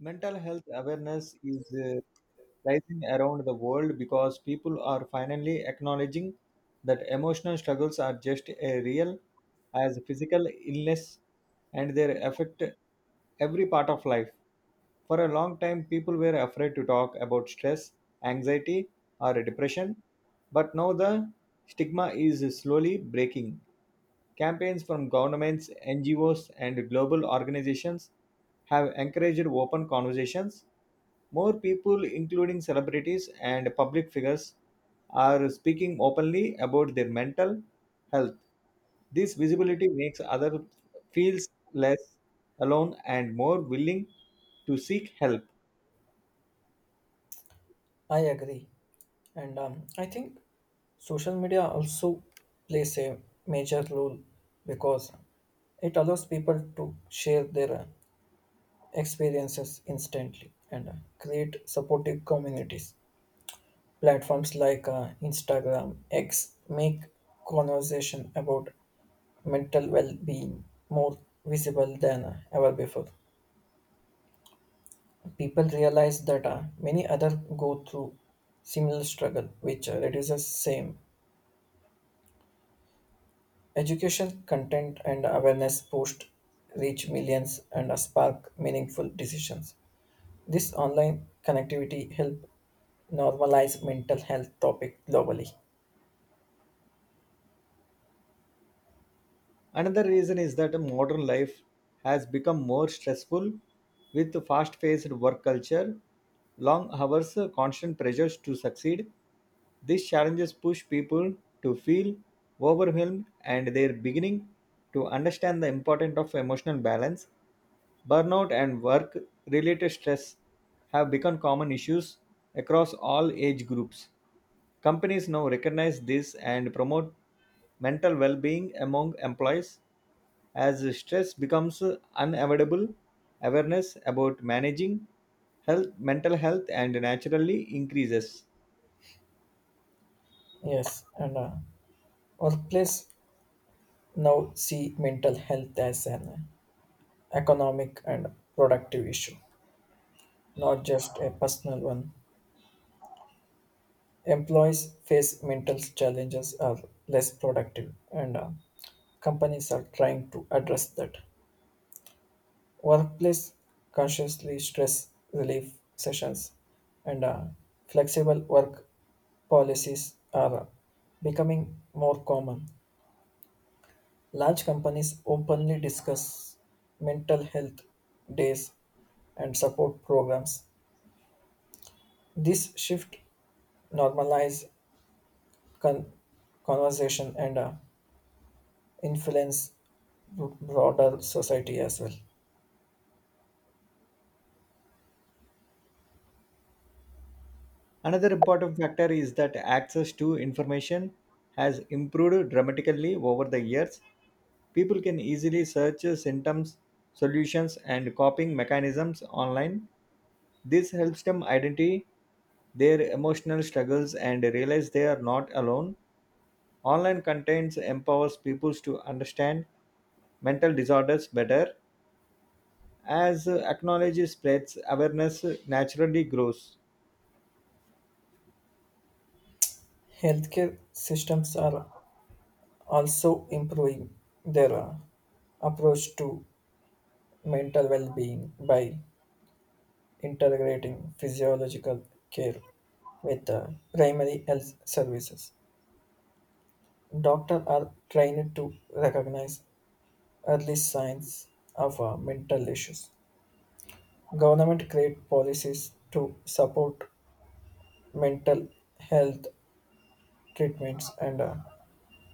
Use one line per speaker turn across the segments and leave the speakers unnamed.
Mental health awareness is rising around the world because people are finally acknowledging that emotional struggles are just as real as physical illness and they affect every part of life. For a long time, people were afraid to talk about stress, anxiety, or depression, but now the stigma is slowly breaking. Campaigns from governments, NGOs, and global organizations have encouraged open conversations. More people, including celebrities and public figures, are speaking openly about their mental health. This visibility makes others feel less alone and more willing to seek help.
I agree. And I think social media also plays a major role because it allows people to share their experiences instantly and create supportive communities. Platforms like Instagram, X make conversation about mental well being more visible than ever before. People realize that many others go through similar struggle, which reduces same Education, content, and awareness posts reach millions and spark meaningful decisions. This online connectivity help normalize mental health topic globally.
Another reason is that modern life has become more stressful with fast paced work culture, long hours, constant pressures to succeed. These challenges push people to feel overwhelmed and they're beginning to understand the importance of emotional balance. Burnout and work related stress have become common issues across all age groups. Companies now recognize this and promote mental well being among employees as stress becomes unavoidable, awareness about managing health, mental health, and naturally increases.
Yes, and workplace now see mental health as an economic and productive issue, not just a personal one. Employees face mental challenges are less productive, and companies are trying to address that. Workplace consciously stress relief sessions and flexible work policies are becoming more common. Large companies openly discuss mental health days and support programs. This shift normalize con- conversation and influence broader society as well.
Another important factor is that access to information has improved dramatically over the years. People can easily search symptoms, solutions, and coping mechanisms online. This helps them identify their emotional struggles and realize they are not alone. Online contents empowers people to understand mental disorders better as acknowledge spreads awareness naturally grows.
Healthcare systems are also improving their approach to mental well-being by integrating physiological care with primary health services. Doctors are trained to recognize early signs of mental issues. Government create policies to support mental health treatments and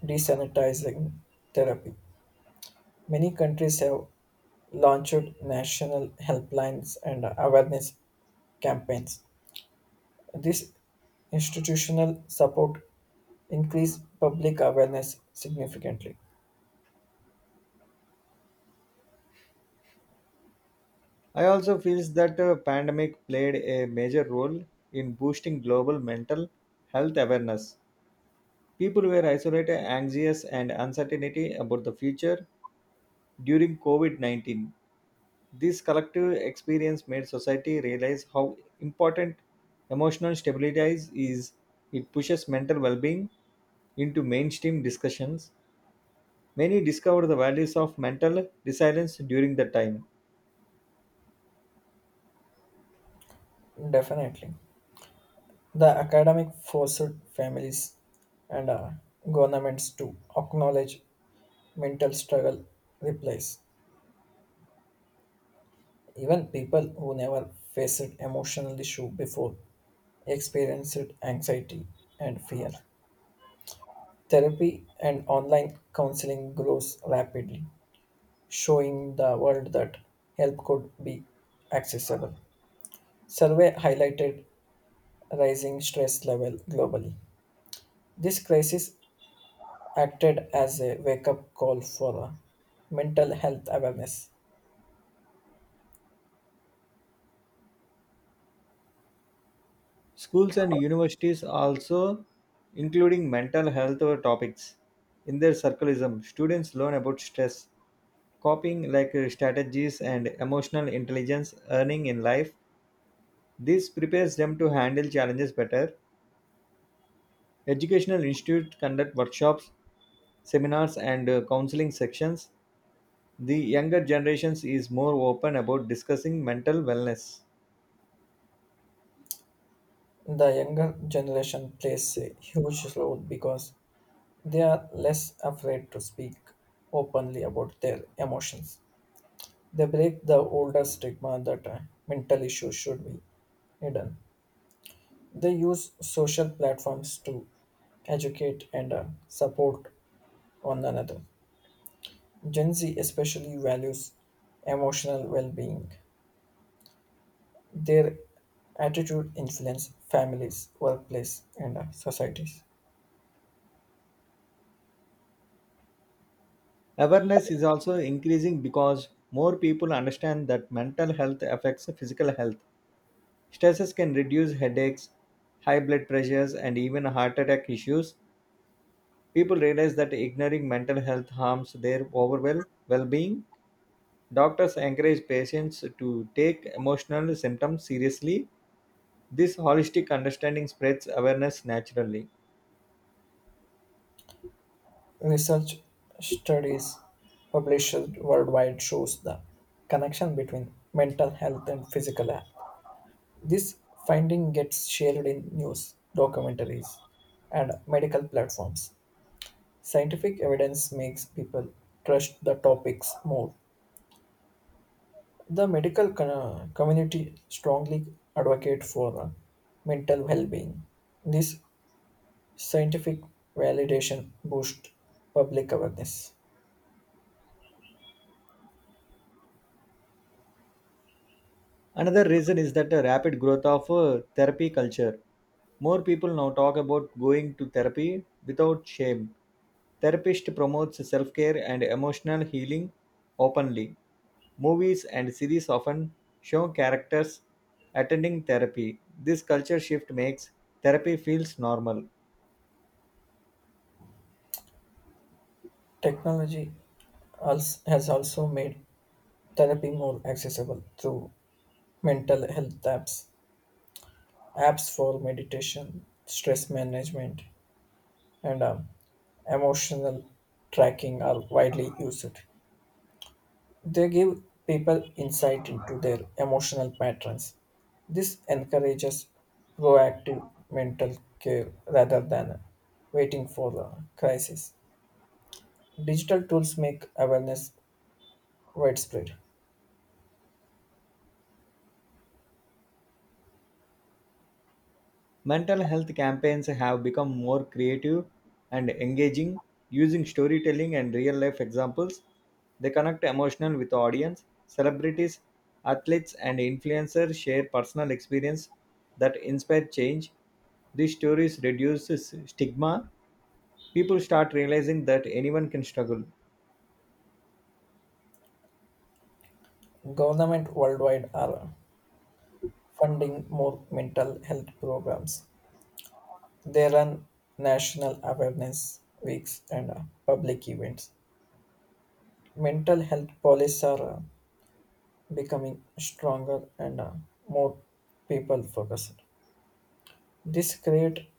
desanitizing therapy. Many countries have launched national helplines and awareness campaigns. This institutional support increased public awareness significantly.
I also feels that pandemic played a major role in boosting global mental health awareness. People were isolated anxious and uncertainty about the future during covid-19. This collective experience made society realize how important emotional stability is. It pushes mental well-being into mainstream discussions. Many discovered the values of mental resilience during the time.
Definitely. The academic forced families and governments to acknowledge mental struggle replies. Even people who never faced emotional issue before experienced anxiety and fear. Therapy and online counseling grows rapidly, showing the world that help could be accessible. Survey highlighted rising stress level globally. This crisis acted as a wake-up call for mental health awareness.
Schools and universities also including mental health topics in their circleism. Students learn about stress, coping strategies and emotional intelligence earning in life. This prepares them to handle challenges better. Educational institutes conduct workshops, seminars and counseling sections. The younger generations is more open about discussing mental wellness.
The younger generation plays a huge role because they are less afraid to speak openly about their emotions. They break the older stigma that mental issues should be hidden. They use social platforms to educate and support one another. Gen Z especially values emotional well-being. Their attitude influences families, workplace, and societies.
Awareness is also increasing because more people understand that mental health affects physical health. Stresses can reduce headaches, high blood pressures, and even heart attack issues. People realize that ignoring mental health harms their overall well being. Doctors encourage patients to take emotional symptoms seriously. This holistic understanding spreads awareness naturally.
Research studies published worldwide shows the connection between mental health and physical. This finding gets shared in news, documentaries, and medical platforms. Scientific evidence makes people trust the topics more. The medical community strongly advocate for mental well-being. This scientific validation boosts public awareness.
Another reason is that the rapid growth of therapy culture. More people now talk about going to therapy without shame. Therapist promotes self-care and emotional healing openly. Movies and series often show characters attending therapy. This culture shift makes therapy feels normal.
Technology has also made therapy more accessible through mental health apps, apps for meditation, stress management, and emotional tracking are widely used. They give people insight into their emotional patterns. This encourages proactive mental care rather than waiting for the crisis. Digital tools make awareness widespread.
Mental health campaigns have become more creative and engaging using storytelling and real life examples. They connect emotional with audience. Celebrities, athletes, and influencers share personal experience that inspire change. These stories reduce stigma. People start realizing that anyone can struggle.
Government worldwide are funding more mental health programs. They run national awareness weeks and public events. Mental health policies are becoming stronger and more people focused. This create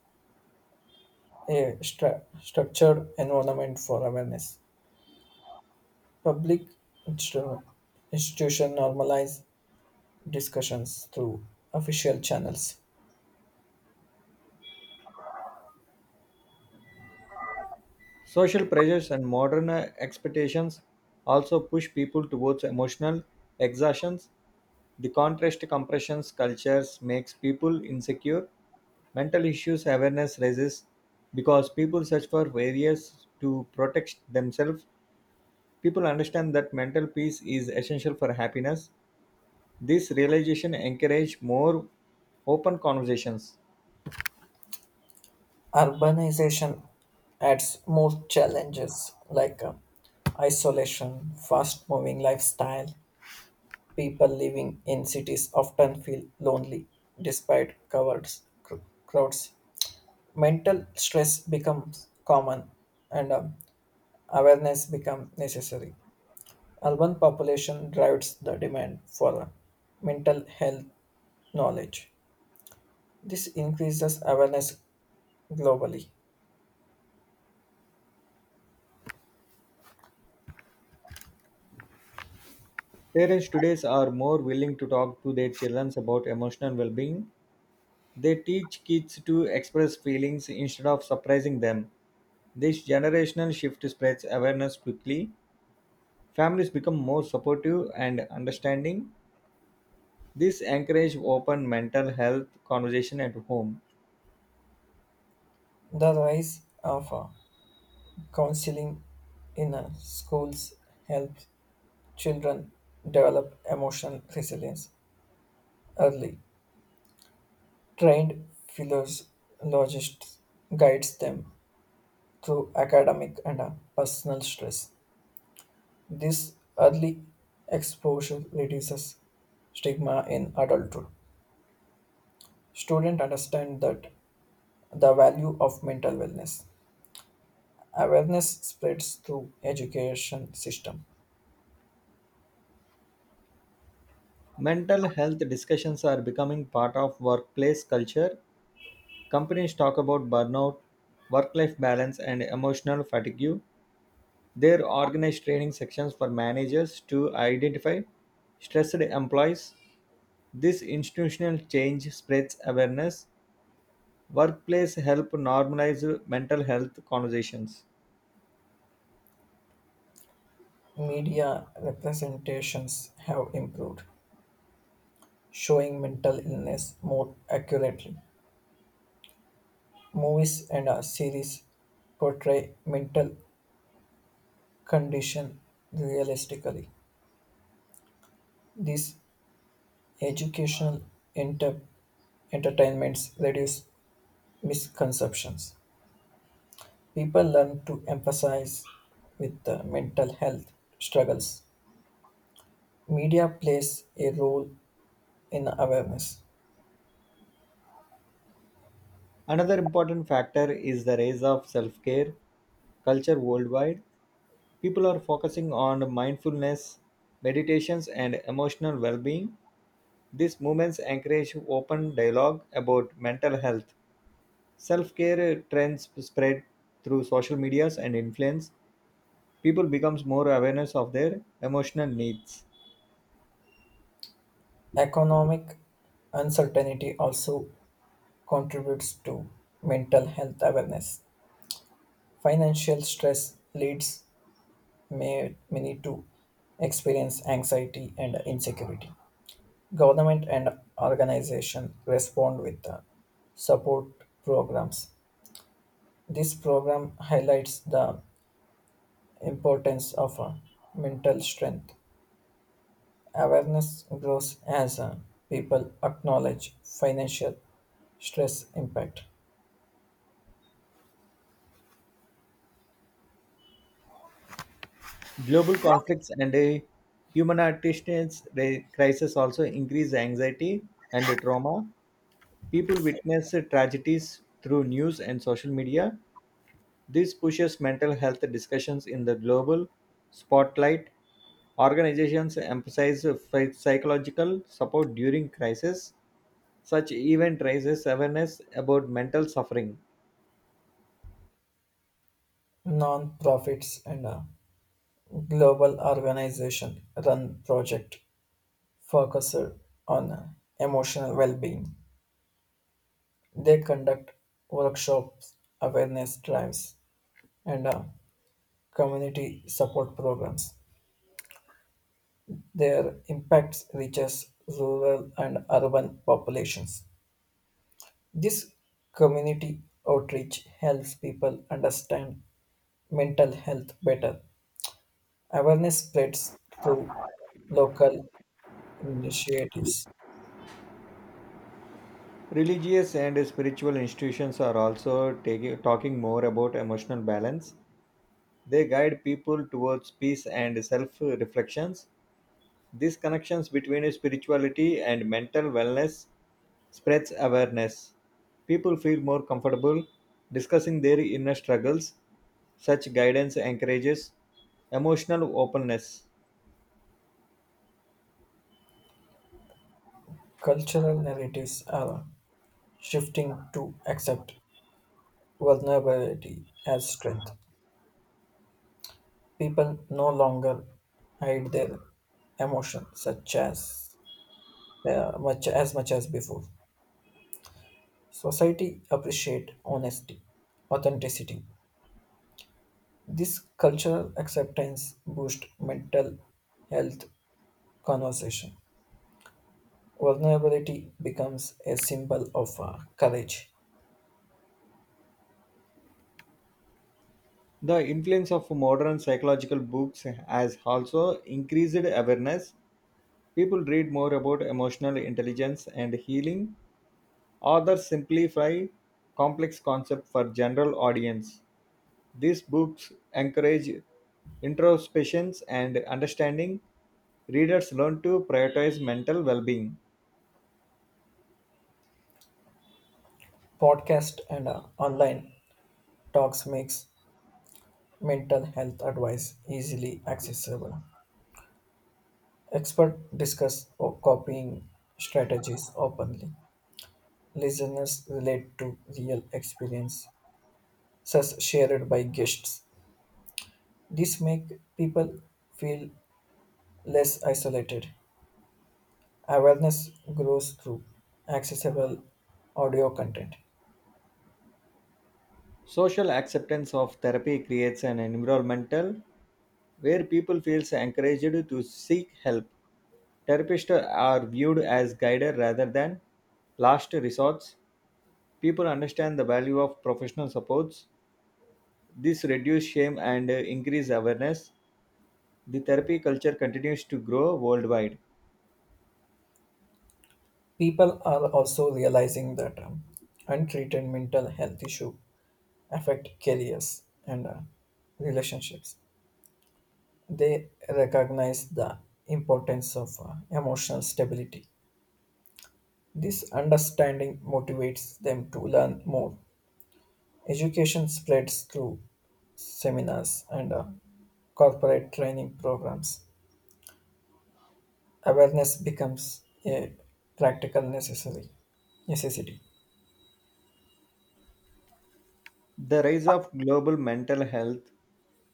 a structured environment for awareness. Public instru- institution normalize discussions through official channels.
Social pressures and modern expectations also push people towards emotional exhaustions. The contrast compressions cultures makes people insecure. Mental issues awareness rises because people search for various to protect themselves. People understand that mental peace is essential for happiness. This realization encourage more open conversations.
Urbanization adds more challenges like isolation, fast moving lifestyle. People living in cities often feel lonely despite covered cr- crowds. Mental stress becomes common and awareness becomes necessary. Urban population drives the demand for mental health knowledge. This increases awareness globally.
Parents today are more willing to talk to their children about emotional well-being. They teach kids to express feelings instead of suppressing them. This generational shift spreads awareness quickly. Families become more supportive and understanding. This encourages open mental health conversation at home.
The rise of counseling in schools helps children develop emotional resilience early. Trained philologists guides them through academic and personal stress. This early exposure reduces stigma in adulthood. Students understand that the value of mental wellness. Awareness spreads through education system.
Mental health discussions are becoming part of workplace culture. Companies talk about burnout, work life balance, and emotional fatigue. They organize training sections for managers to identify stressed employees. This institutional change spreads awareness. Workplace help normalize mental health conversations.
Media representations have improved, showing mental illness more accurately. Movies and series portray mental condition realistically. These educational inter- entertainments reduce misconceptions. People learn to emphasize with the mental health struggles. Media plays a role in awareness.
Another important factor is the rise of self care culture worldwide. People are focusing on mindfulness, meditations, and emotional well being. These movements encourage open dialogue about mental health. Self care trends spread through social medias and influence. People becomes more awareness of their emotional needs.
Economic uncertainty also contributes to mental health awareness. Financial stress leads many to experience anxiety and insecurity. Government and organization respond with the support programs. This program highlights the importance of mental strength. Awareness grows as people acknowledge financial stress impact.
Global conflicts and a humanitarian crisis also increase anxiety and trauma. People witness tragedies through news and social media. This pushes mental health discussions in the global spotlight. Organizations emphasize psychological support during crisis. Such event raises awareness about mental suffering.
Non-profits and global organization run project focused on emotional well-being. They conduct workshops, awareness drives, and community support programs. Their impacts reaches rural and urban populations. This community outreach helps people understand mental health better. Awareness spreads through local initiatives.
Religious and spiritual institutions are also talking more about emotional balance. They guide people towards peace and self reflections. These connections between spirituality and mental wellness spreads awareness. People feel more comfortable discussing their inner struggles. Such guidance encourages emotional openness.
Cultural narratives are shifting to accept vulnerability as strength. People no longer hide their emotions such as much as before. Society appreciate honesty, authenticity. This cultural acceptance boosts mental health conversation. Vulnerability becomes a symbol of courage.
The influence of modern psychological books has also increased awareness. People read more about emotional intelligence and healing. Authors simplify complex concepts for general audience. These books encourage introspection and understanding. Readers learn to prioritize mental well being.
Podcast and online talks makes mental health advice easily accessible. Experts discuss copying strategies openly. Listeners relate to real experience, such shared by guests. This make people feel less isolated. Awareness grows through accessible audio content.
Social acceptance of therapy creates an environmental where people feel encouraged to seek help. Therapists are viewed as guiders rather than last resorts. People understand the value of professional supports. This reduces shame and increases awareness. The therapy culture continues to grow worldwide.
People are also realizing that untreated mental health issues affect careers and relationships. They recognize the importance of emotional stability. This understanding motivates them to learn more. Education spreads through seminars and corporate training programs. Awareness becomes a practical necessary necessity.
The rise of global mental health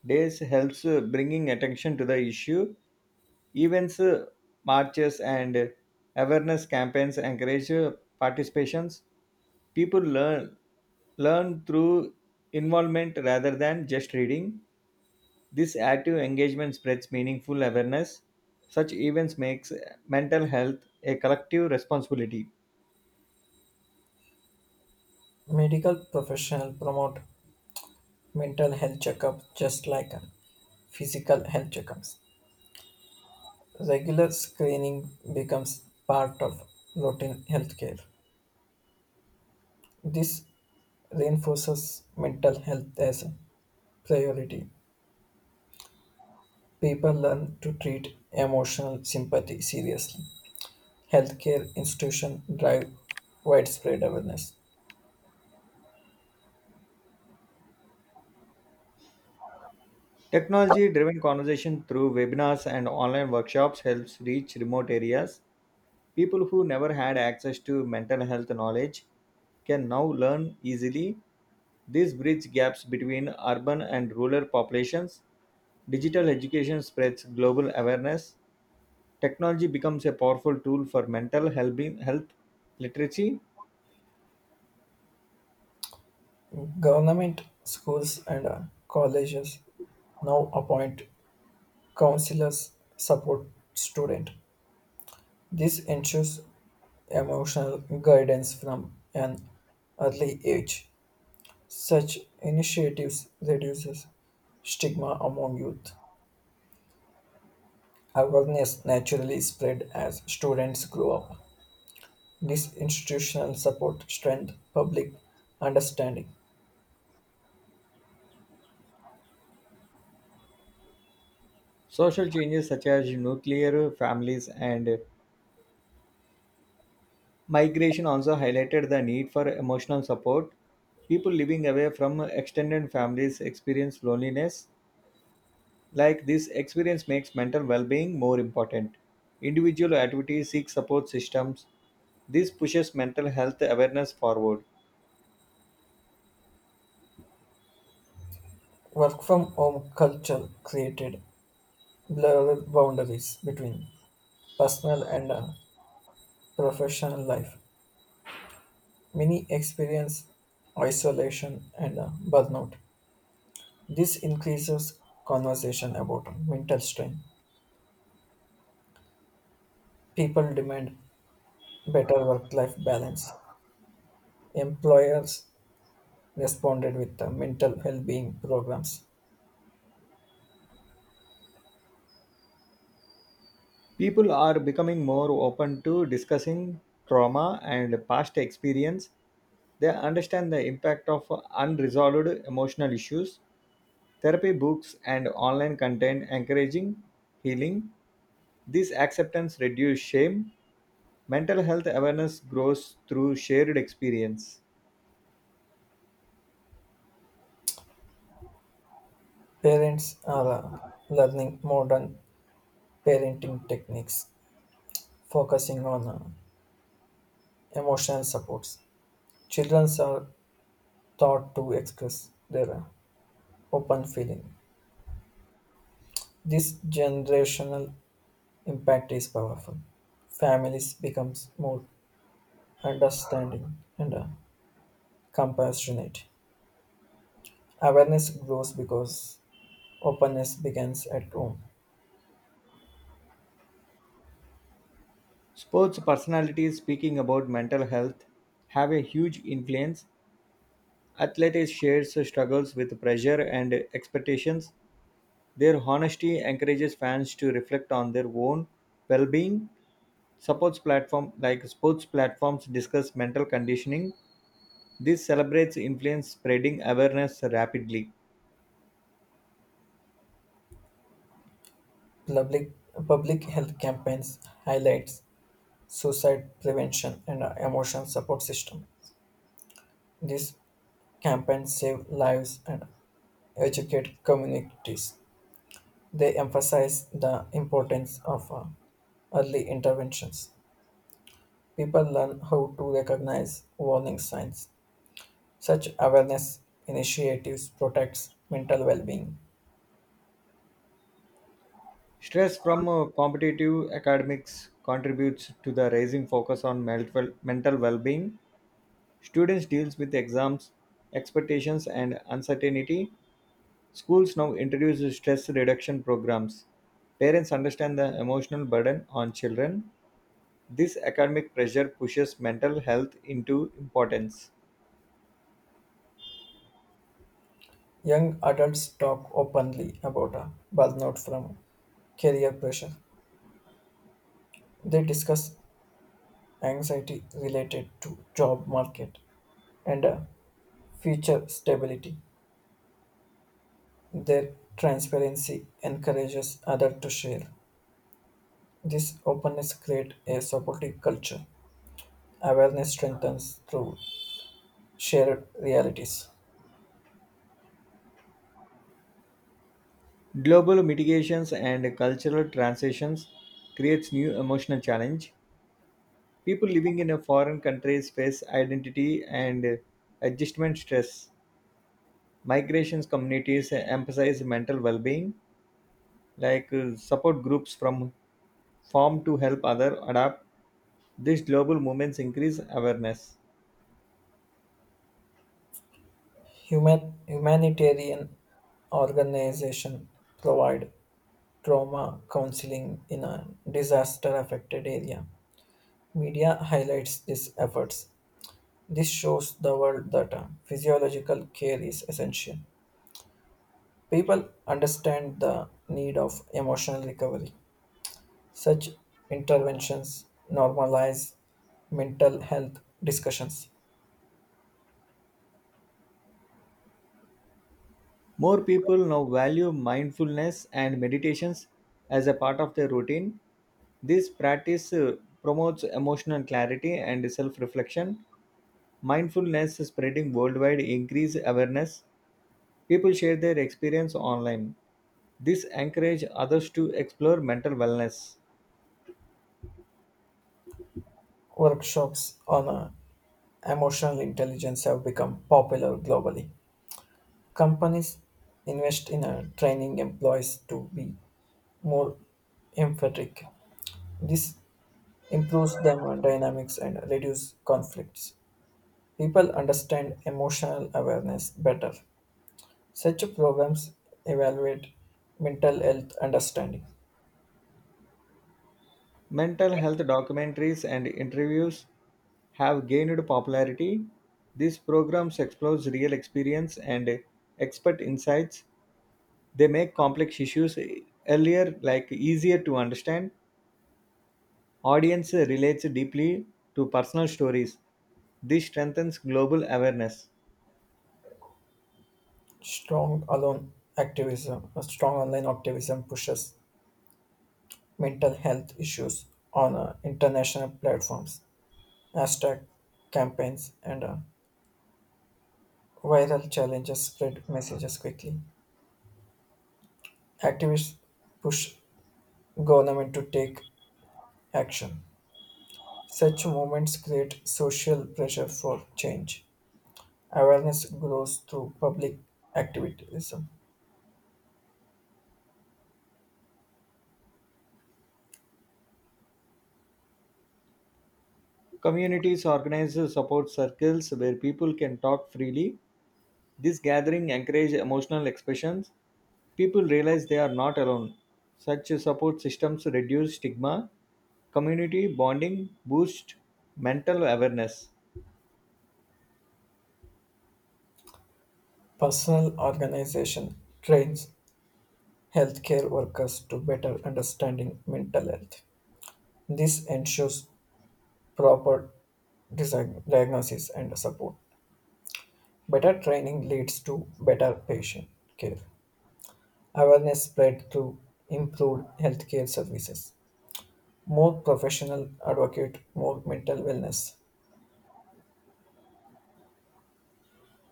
days helps bringing attention to the issue. Events, marches, and awareness campaigns encourage participations. People learn through involvement rather than just reading. This active engagement spreads meaningful awareness. Such events makes mental health a collective responsibility.
Medical professionals promote mental health checkups just like physical health checkups. Regular screening becomes part of routine healthcare. This reinforces mental health as a priority. People learn to treat emotional sympathy seriously. Healthcare institutions drive widespread awareness.
Technology driven conversation through webinars and online workshops helps reach remote areas. People who never had access to mental health knowledge can now learn easily. This bridges gaps between urban and rural populations. Digital education spreads global awareness. Technology becomes a powerful tool for mental health literacy.
Government schools and colleges now appoint counselors support student. This ensures emotional guidance from an early age. Such initiatives reduces stigma among youth. Awareness naturally spread as students grow up. This institutional support strengthened public understanding.
Social changes such as nuclear families and migration also highlighted the need for emotional support. People living away from extended families experience loneliness. Like this experience makes mental well-being more important. Individual activities seek support systems. This pushes mental health awareness forward.
Work from home culture created blurred boundaries between personal and professional life. Many experience isolation and burnout. This increases conversation about mental strain. People demand better work life balance. Employers responded with mental well being programs.
People are becoming more open to discussing trauma and past experience. They understand the impact of unresolved emotional issues. Therapy books and online content encouraging healing. This acceptance reduces shame. Mental health awareness grows through shared experience.
Parents are learning modern parenting techniques, focusing on emotional supports. Children are taught to express their open feeling. This generational impact is powerful. Families becomes more understanding and compassionate. Awareness grows because openness begins at home.
Sports personalities speaking about mental health have a huge influence. Athletes share struggles with pressure and expectations. Their honesty encourages fans to reflect on their own well-being. Supports platform like sports platforms discuss mental conditioning. This celebrates influence spreading awareness rapidly.
Public Public health campaigns highlights suicide prevention and emotional support system. These campaigns save lives and educate communities. They emphasize the importance of early interventions. People learn how to recognize warning signs. Such awareness initiatives protects mental well-being.
Stress from competitive academics contributes to the rising focus on mental well-being. Students deals with exams, expectations and uncertainty. Schools now introduce stress reduction programs. Parents understand the emotional burden on children. This academic pressure pushes mental health into importance.
Young adults talk openly about burnout from career pressure. They discuss anxiety related to job market and future stability. Their transparency encourages others to share. This openness creates a supportive culture. Awareness strengthens through shared realities.
Global mitigations and cultural transitions creates new emotional challenge. People living in a foreign countries face identity and adjustment stress. Migrations communities emphasize mental well-being. Like support groups from farm to help other adapt. These global movements increase awareness.
Humanitarian organizations provide trauma counseling in a disaster affected area. Media highlights these efforts. This shows the world that physiological care is essential. People understand the need of emotional recovery. Such interventions normalize mental health discussions.
More people now value mindfulness and meditations as a part of their routine. This practice promotes emotional clarity and self reflection. Mindfulness spreading worldwide increase awareness. People share their experience online. This encourage others to explore mental wellness.
Workshops on emotional intelligence have become popular globally. Companies invest in training employees to be more empathetic. This improves their dynamics and reduce conflicts. People understand emotional awareness better. Such programs evaluate mental health understanding.
Mental health documentaries and interviews have gained popularity. These programs explore real experience and expert insights. They make complex issues earlier like easier to understand. Audience relates deeply to personal stories. This strengthens global awareness.
A strong online activism pushes mental health issues on international platforms, hashtag campaigns, and Viral challenges spread messages quickly. Activists push government to take action. Such movements create social pressure for change. Awareness grows through public activism.
Communities organize support circles where people can talk freely. This gathering encourage emotional expressions. People realize they are not alone. Such support systems reduce stigma, community bonding, boost mental awareness.
Personal organization trains healthcare workers to better understanding mental health. This ensures proper dis- diagnosis and support. Better training leads to better patient care. Awareness spread through improved healthcare services, more professional advocate, more mental wellness.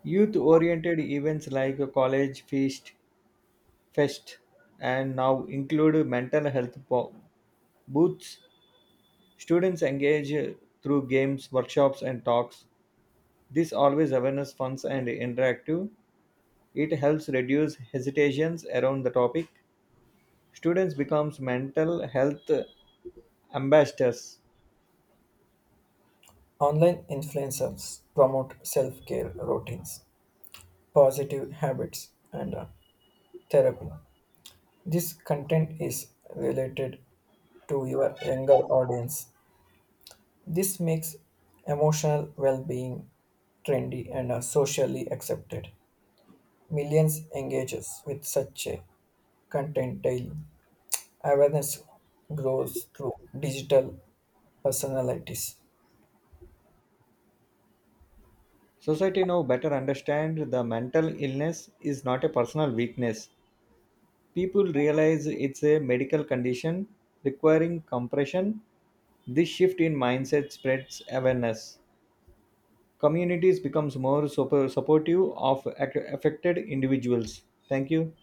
Youth oriented events like a college feast, fest, and now include mental health booths. Students engage through games, workshops, and talks. This always awareness funds and interactive. It helps reduce hesitations around the topic. Students becomes mental health ambassadors.
Online influencers promote self-care routines, positive habits, and therapy. This content is related to your younger audience. This makes emotional well-being trendy and socially accepted. Millions engages with such a content daily. Awareness grows through digital personalities.
Society now better understands the mental illness is not a personal weakness. People realize it's a medical condition requiring compression. This shift in mindset spreads awareness. Communities becomes more supportive of affected individuals. Thank you.